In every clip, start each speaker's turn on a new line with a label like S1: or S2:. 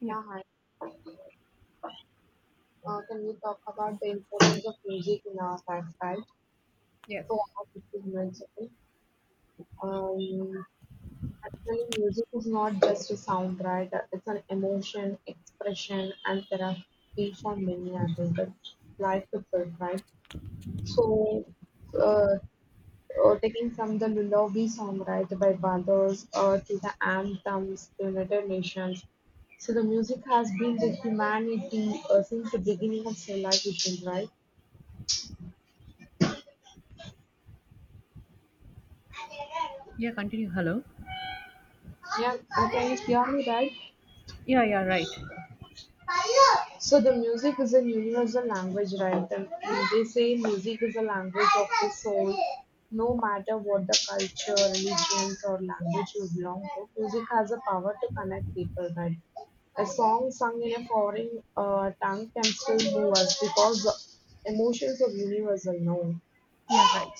S1: Yeah.
S2: Yeah, hi. Can we talk about the importance of music in our lifestyle?
S1: Yes.
S2: So, I have 15 minutes, okay? Um, Actually, music is not just a sound, right? It's an emotion, expression, and therapy for many, I think. It's life itself, right? So, uh, taking from the Lullaby song, right, by Brothers, to the anthems, the United Nations, so the music has been with humanity since the beginning of civilization, right?
S1: Yeah, continue. Hello.
S2: Yeah, okay, it's purely right.
S1: Yeah, yeah, right.
S2: So the music is a universal language, right? They say music is a language of the soul. No matter what the culture, religions, or language you belong to, music has a power to connect people, right? A song sung in a foreign tongue can still move us because the emotions are universal, no?
S1: Yeah, right.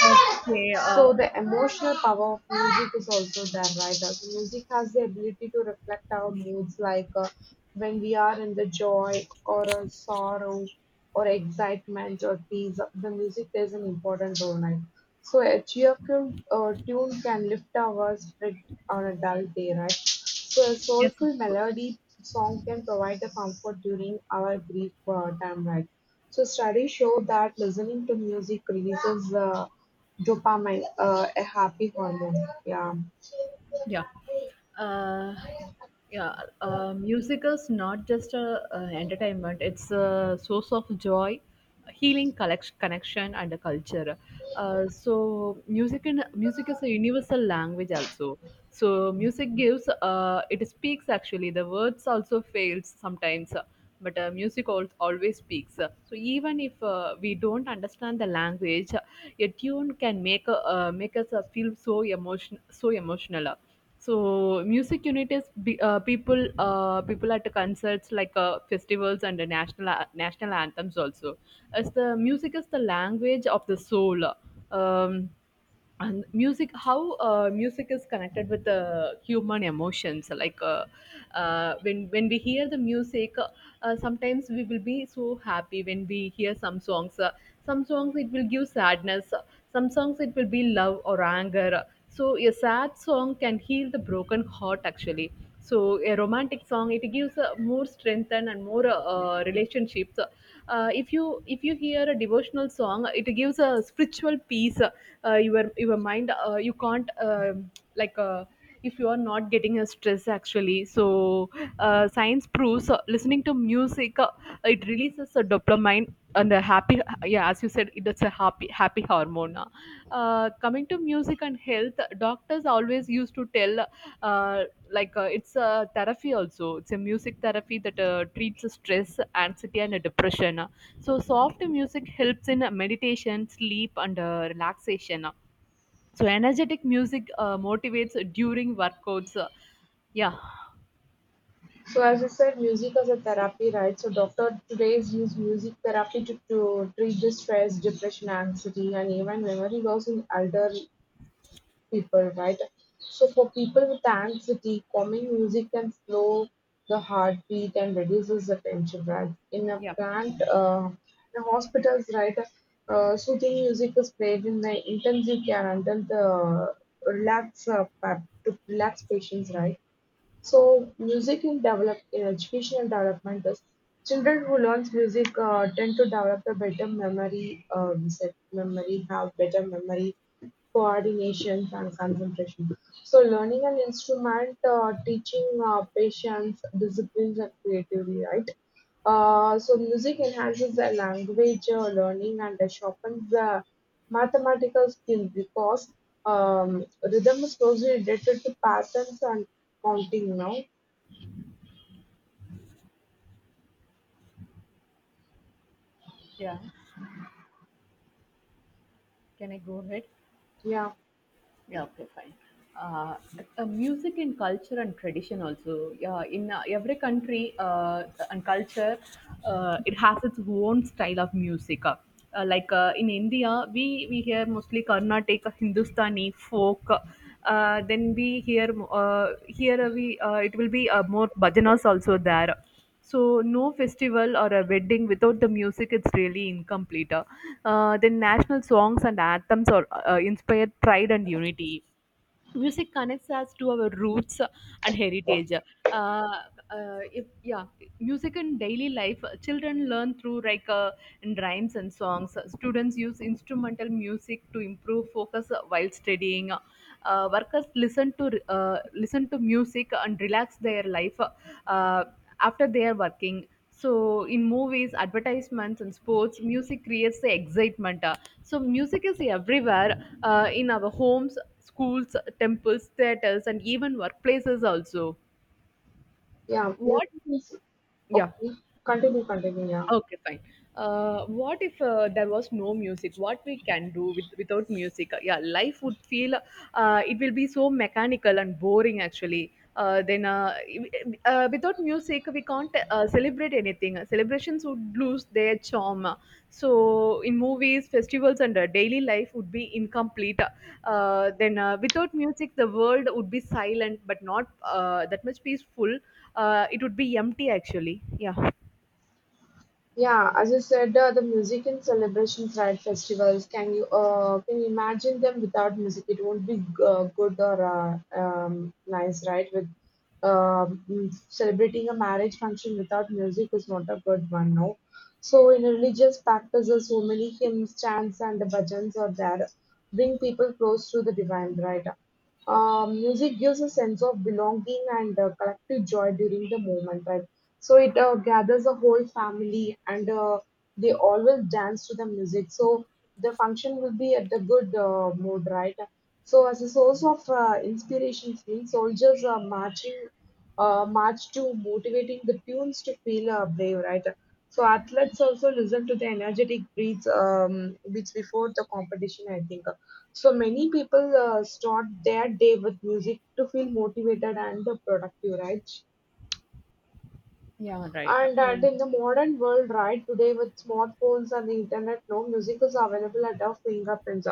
S1: Okay,
S2: So the emotional power of music is also there, right? Also music has the ability to reflect our moods, like when we are in the joy or a sorrow or excitement or peace, the music plays an important role. Right? So a cheerful tune can lift our spirit on a dull day, right? So a
S1: yes, of
S2: soulful
S1: course.
S2: melody song can provide a comfort during our grief time, right? So studies show that listening to music releases dopamine, a happy hormone. Yeah.
S1: Yeah. Uh, yeah. Music is not just a, entertainment. It's a source of joy, healing, connection, and a culture. Music is a universal language also. So, music gives, it speaks actually. The words also fails sometimes, but music always speaks. So, even if we don't understand the language, a tune can make us feel so, so emotional, so music unit is be- people people at concerts like festivals and the national anthems also. As the music is the language of the soul, um, and music is connected with the human emotions. Like when we hear the music, sometimes we will be so happy when we hear some songs. Some songs it will give sadness, some songs it will be love or anger. So a sad song can heal the broken heart actually. So a romantic song it gives a more strength and more relationships. If you hear a devotional song it gives a spiritual peace, your mind you can't, like uh, if you are not getting a stress actually. So science proves listening to music it releases a dopamine and a happy, yeah, as you said it's a happy hormone. Coming to music and health, doctors always used to tell, uh, it's a therapy also, it's a music therapy that treats stress, anxiety, and depression. So soft music helps in meditation, sleep, and relaxation. So energetic music motivates during workouts. Yeah,
S2: So as I said, music as a therapy, right? So doctor today's use music therapy to treat the stress, depression, anxiety, and even memory loss in elder people, right? So for people with anxiety, calming music can slow the heartbeat and reduces the tension, right? In a
S1: Yeah,
S2: plant, in hospitals, right? Soothing music is played in the intensive care until the relax to relax patients, right? So music in develop in educational development is children who learn music tend to develop a better memory, have better memory, coordination and concentration. So learning an instrument, teaching patience, disciplines and creativity, right? So music enhances the language learning and sharpens the mathematical skill because um, rhythm is closely related to patterns and counting now.
S1: yeah. Can I go ahead?
S2: Yeah,
S1: Yeah, okay, fine. Uh, Music in culture and tradition also. Yeah, in every country and culture, it has its own style of music. In India, we hear mostly Carnatic, Hindustani, folk. Then we hear here we it will be more bhajanas also there. So no festival or a wedding without the music, it's really incomplete. The national songs and anthems are inspired pride and unity. Music connects us to our roots and heritage. If, Yeah, music in daily life, children learn through in rhymes and songs. Students use instrumental music to improve focus while studying. Workers listen to music and relax their life after they are working. So in movies, advertisements, and sports, music creates the excitement. So music is everywhere in our homes, schools, temples, theaters, and even workplaces also.
S2: yeah.
S1: What?
S2: Music is
S1: Yeah.
S2: okay. Continue, continue. Yeah.
S1: Okay, fine. What if there was no music? What we can do with without music? Yeah, life would feel it will be so mechanical and boring actually. Then Without music, we can't celebrate anything. Celebrations would lose their charm. So in movies, festivals, and daily life would be incomplete. Then Without music, the world would be silent, but not that much peaceful. It would be empty actually. Yeah.
S2: Yeah, as you said, the music in celebrations, right? Festivals. Can you imagine them without music? It won't be good or nice, right? With celebrating a marriage function without music is not a good one, no. So in religious practices, so many hymns, chants, and bhajans are there, bring people close to the divine, right? Music gives a sense of belonging and collective joy during the moment, right? So it gathers the whole family and they all will dance to the music. So the function will be at the good mood, right? So as a source of inspiration, means soldiers are marching, march to motivating the tunes to feel brave, right? So athletes also listen to the energetic breaths beats before the competition, I think. So many people start their day with music to feel motivated and productive, right?
S1: Yeah, right.
S2: And in the modern world, right, today with smartphones and the internet, no music is available at our fingerprints.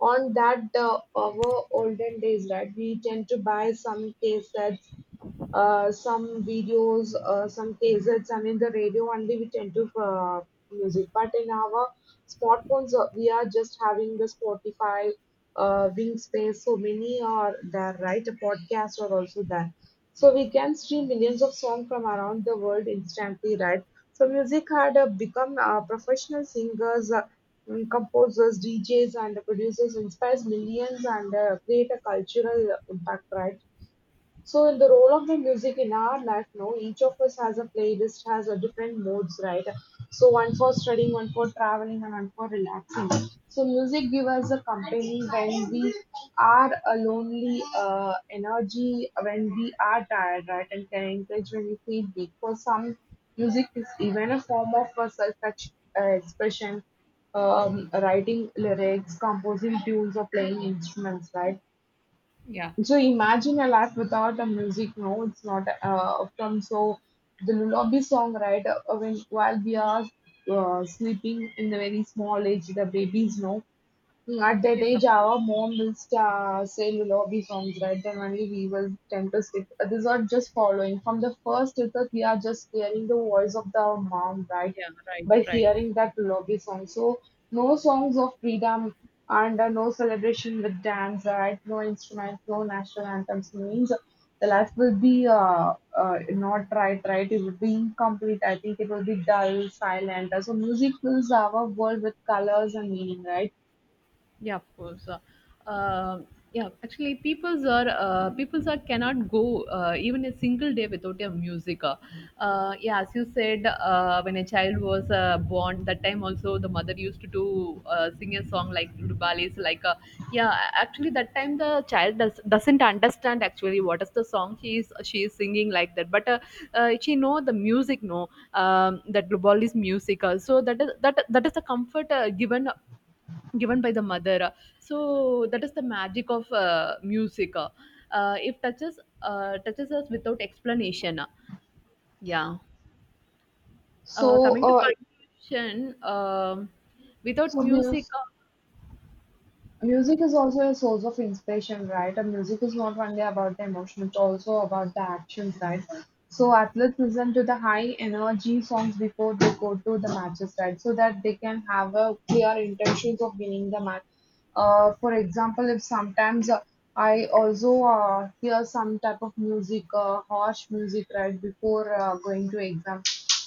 S2: On that, our olden days, right, we tend to buy some cassettes, some cassettes, and in the radio only we tend to music. But in our smartphones, we are just having the Spotify, Wingspace, so many are there, right? Podcasts are also there. So we can stream millions of songs from around the world instantly, right? So music had become professional singers, composers, DJs, and producers inspires millions and create a cultural impact, right? So in the role of the music in our life now, each of us has a playlist, has a different modes, right? So one for studying, one for traveling, and one for relaxing. So music gives us a company when we are a lonely, energy when we are tired, right? And can encourage when we feel weak. For some, music is even a form of a self-expression. Writing lyrics, composing tunes, or playing instruments, right?
S1: yeah.
S2: So imagine a life without a music. No, it's not from so the lullaby song, right? When while we are sleeping in the very small age, the babies know. Mm, at that
S1: Yes,
S2: age,
S1: of
S2: our
S1: course.
S2: mom will start, say lullaby songs, right? Then only we will tend to sleep. These are just following. From the first itself, we are just hearing the voice of the mom, right?
S1: Yeah, right,
S2: By
S1: right.
S2: hearing that lullaby song. So, no songs of freedom and no celebration with dance, right? No instruments, no national anthems means the life will be not right, right? It will be incomplete. I think it will be dull, silent. So, music fills our world with colors and meaning, right?
S1: Yeah, of course. Um, yeah, actually people's are cannot go even a single day without a music. Yeah, as you said, when a child was born, that time also the mother used to do, sing a song like lullabies like yeah. Actually that time the child doesn't understand actually what is the song she is singing like that, but she know the music, no? That global music, musical. So that is that is the comfort given by the mother. So that is the magic of music. It touches us without explanation. Yeah.
S2: So,
S1: Coming to conclusion, without
S2: so mus
S1: music.
S2: music is also a source of inspiration, right? And music is not only about the emotion, it's also about the actions, right? So athletes listen to the high energy songs before they go to the matches, right? So that they can have a clear intentions of winning the match. For example, if sometimes I also hear some type of music, harsh music, right, before going to exam.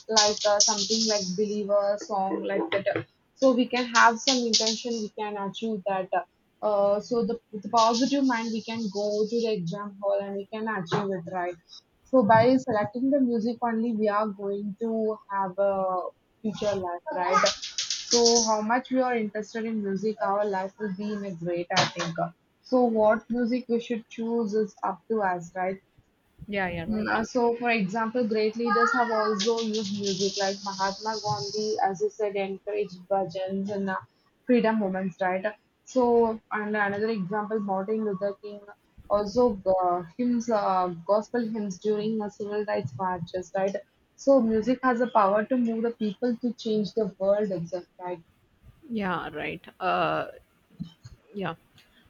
S2: Like something like believer song like that. So we can have some intention, we can achieve that, so the with the positive mind we can go to the exam hall and we can achieve it, right? So by selecting the music only we are going to have a future life, right? So how much we are interested in music, our life will be in a great, I think. So what music we should choose is up to us, right?
S1: Yeah right.
S2: So, for example, great leaders have also used music like Mahatma Gandhi, as you said, encouraged bhajans and freedom movements, right? So, and another example, Martin Luther King also gospel hymns during civil rights marches, right? So, music has the power to move the people to change the world itself, right?
S1: yeah right uh, yeah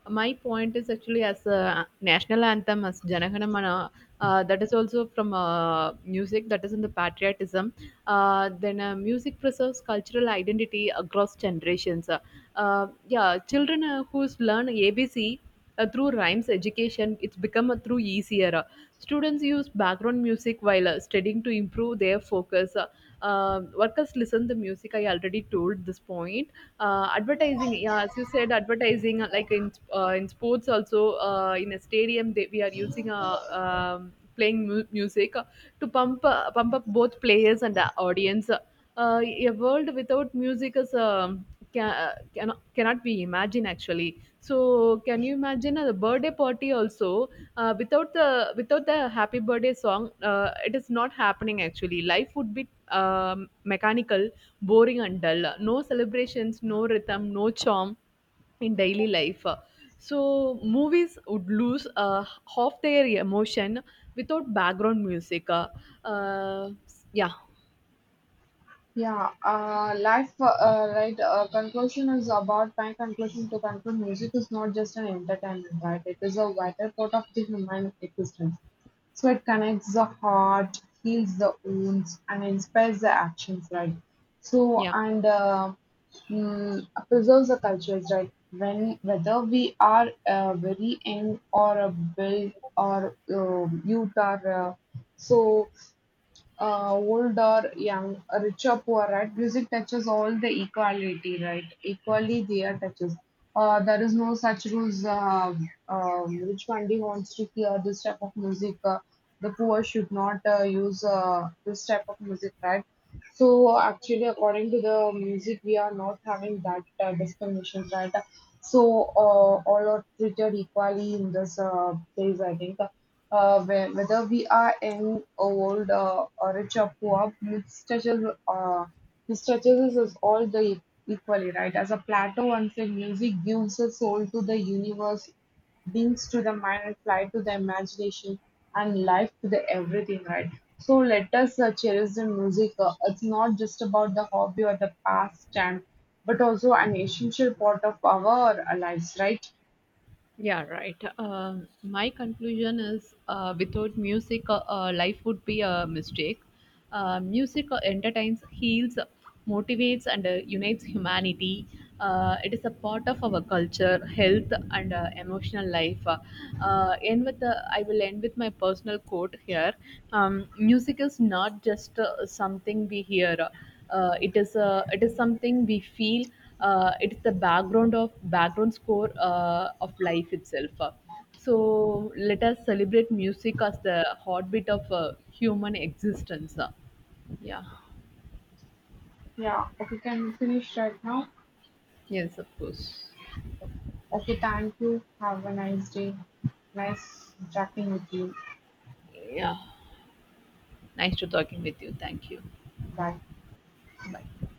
S1: my point is actually as a national anthem as janaganamana, that is also from music, that is in the patriotism. Then Music preserves cultural identity across generations. Yeah, children who's learn abc through rhymes education it's become a through easier. Students use background music while studying to improve their focus. Workers listen the music, I already told this point. Advertising, yeah, as you said, advertising in sports also, in a stadium we are using a, playing music to pump pump up both players and the audience. A world without music is, cannot be imagined actually. So can you imagine a birthday party also without the without the happy birthday song? It is not happening actually. Life would be, mechanical, boring, and dull. No celebrations, no rhythm, no charm in daily life. So movies would lose half their emotion without background music. Uh, yeah
S2: Yeah, life, right? Conclusion is about my conclusion, to conclude. Music is not just an entertainment, right? It is a vital part of the human existence. So it connects the heart, heals the wounds, and inspires the actions, right? So
S1: yeah.
S2: and uh, Preserves the cultures, right? When whether we are very young or a build or youth or so old or young, rich or poor, right? Music touches all the equality, right? Equally, there touches. There is no such rules. Which Pandi wants to hear this type of music? The poor should not use this type of music, right? So actually, according to the music, we are not having that discrimination, right? So all are treated equally in this place, I think. Whether we are young, old, or rich or poor, mistresses is all the equally, right? As a Plato once said, music gives a soul to the universe, beings to the mind, and flight to the imagination, and life to the everything, right? So let us cherish the music. It's not just about the hobby or the pastime, but also an essential part of our lives, right?
S1: Yeah, right. My conclusion is, without music, life would be a mistake. Music entertains, heals, motivates, and unites humanity. It is a part of our culture, health, and emotional life. I will end with my personal quote here. Music is not just something we hear. It is a it is something we feel. It is the background of background score of life itself. So let us celebrate music as the heartbeat of human existence. Yeah.
S2: Yeah, okay, can we finish right now?
S1: Yes, of course.
S2: Okay, thank you, have a nice day. Nice chatting with you.
S1: Yeah. Nice to talking with you. Thank you.
S2: Bye.
S1: Bye.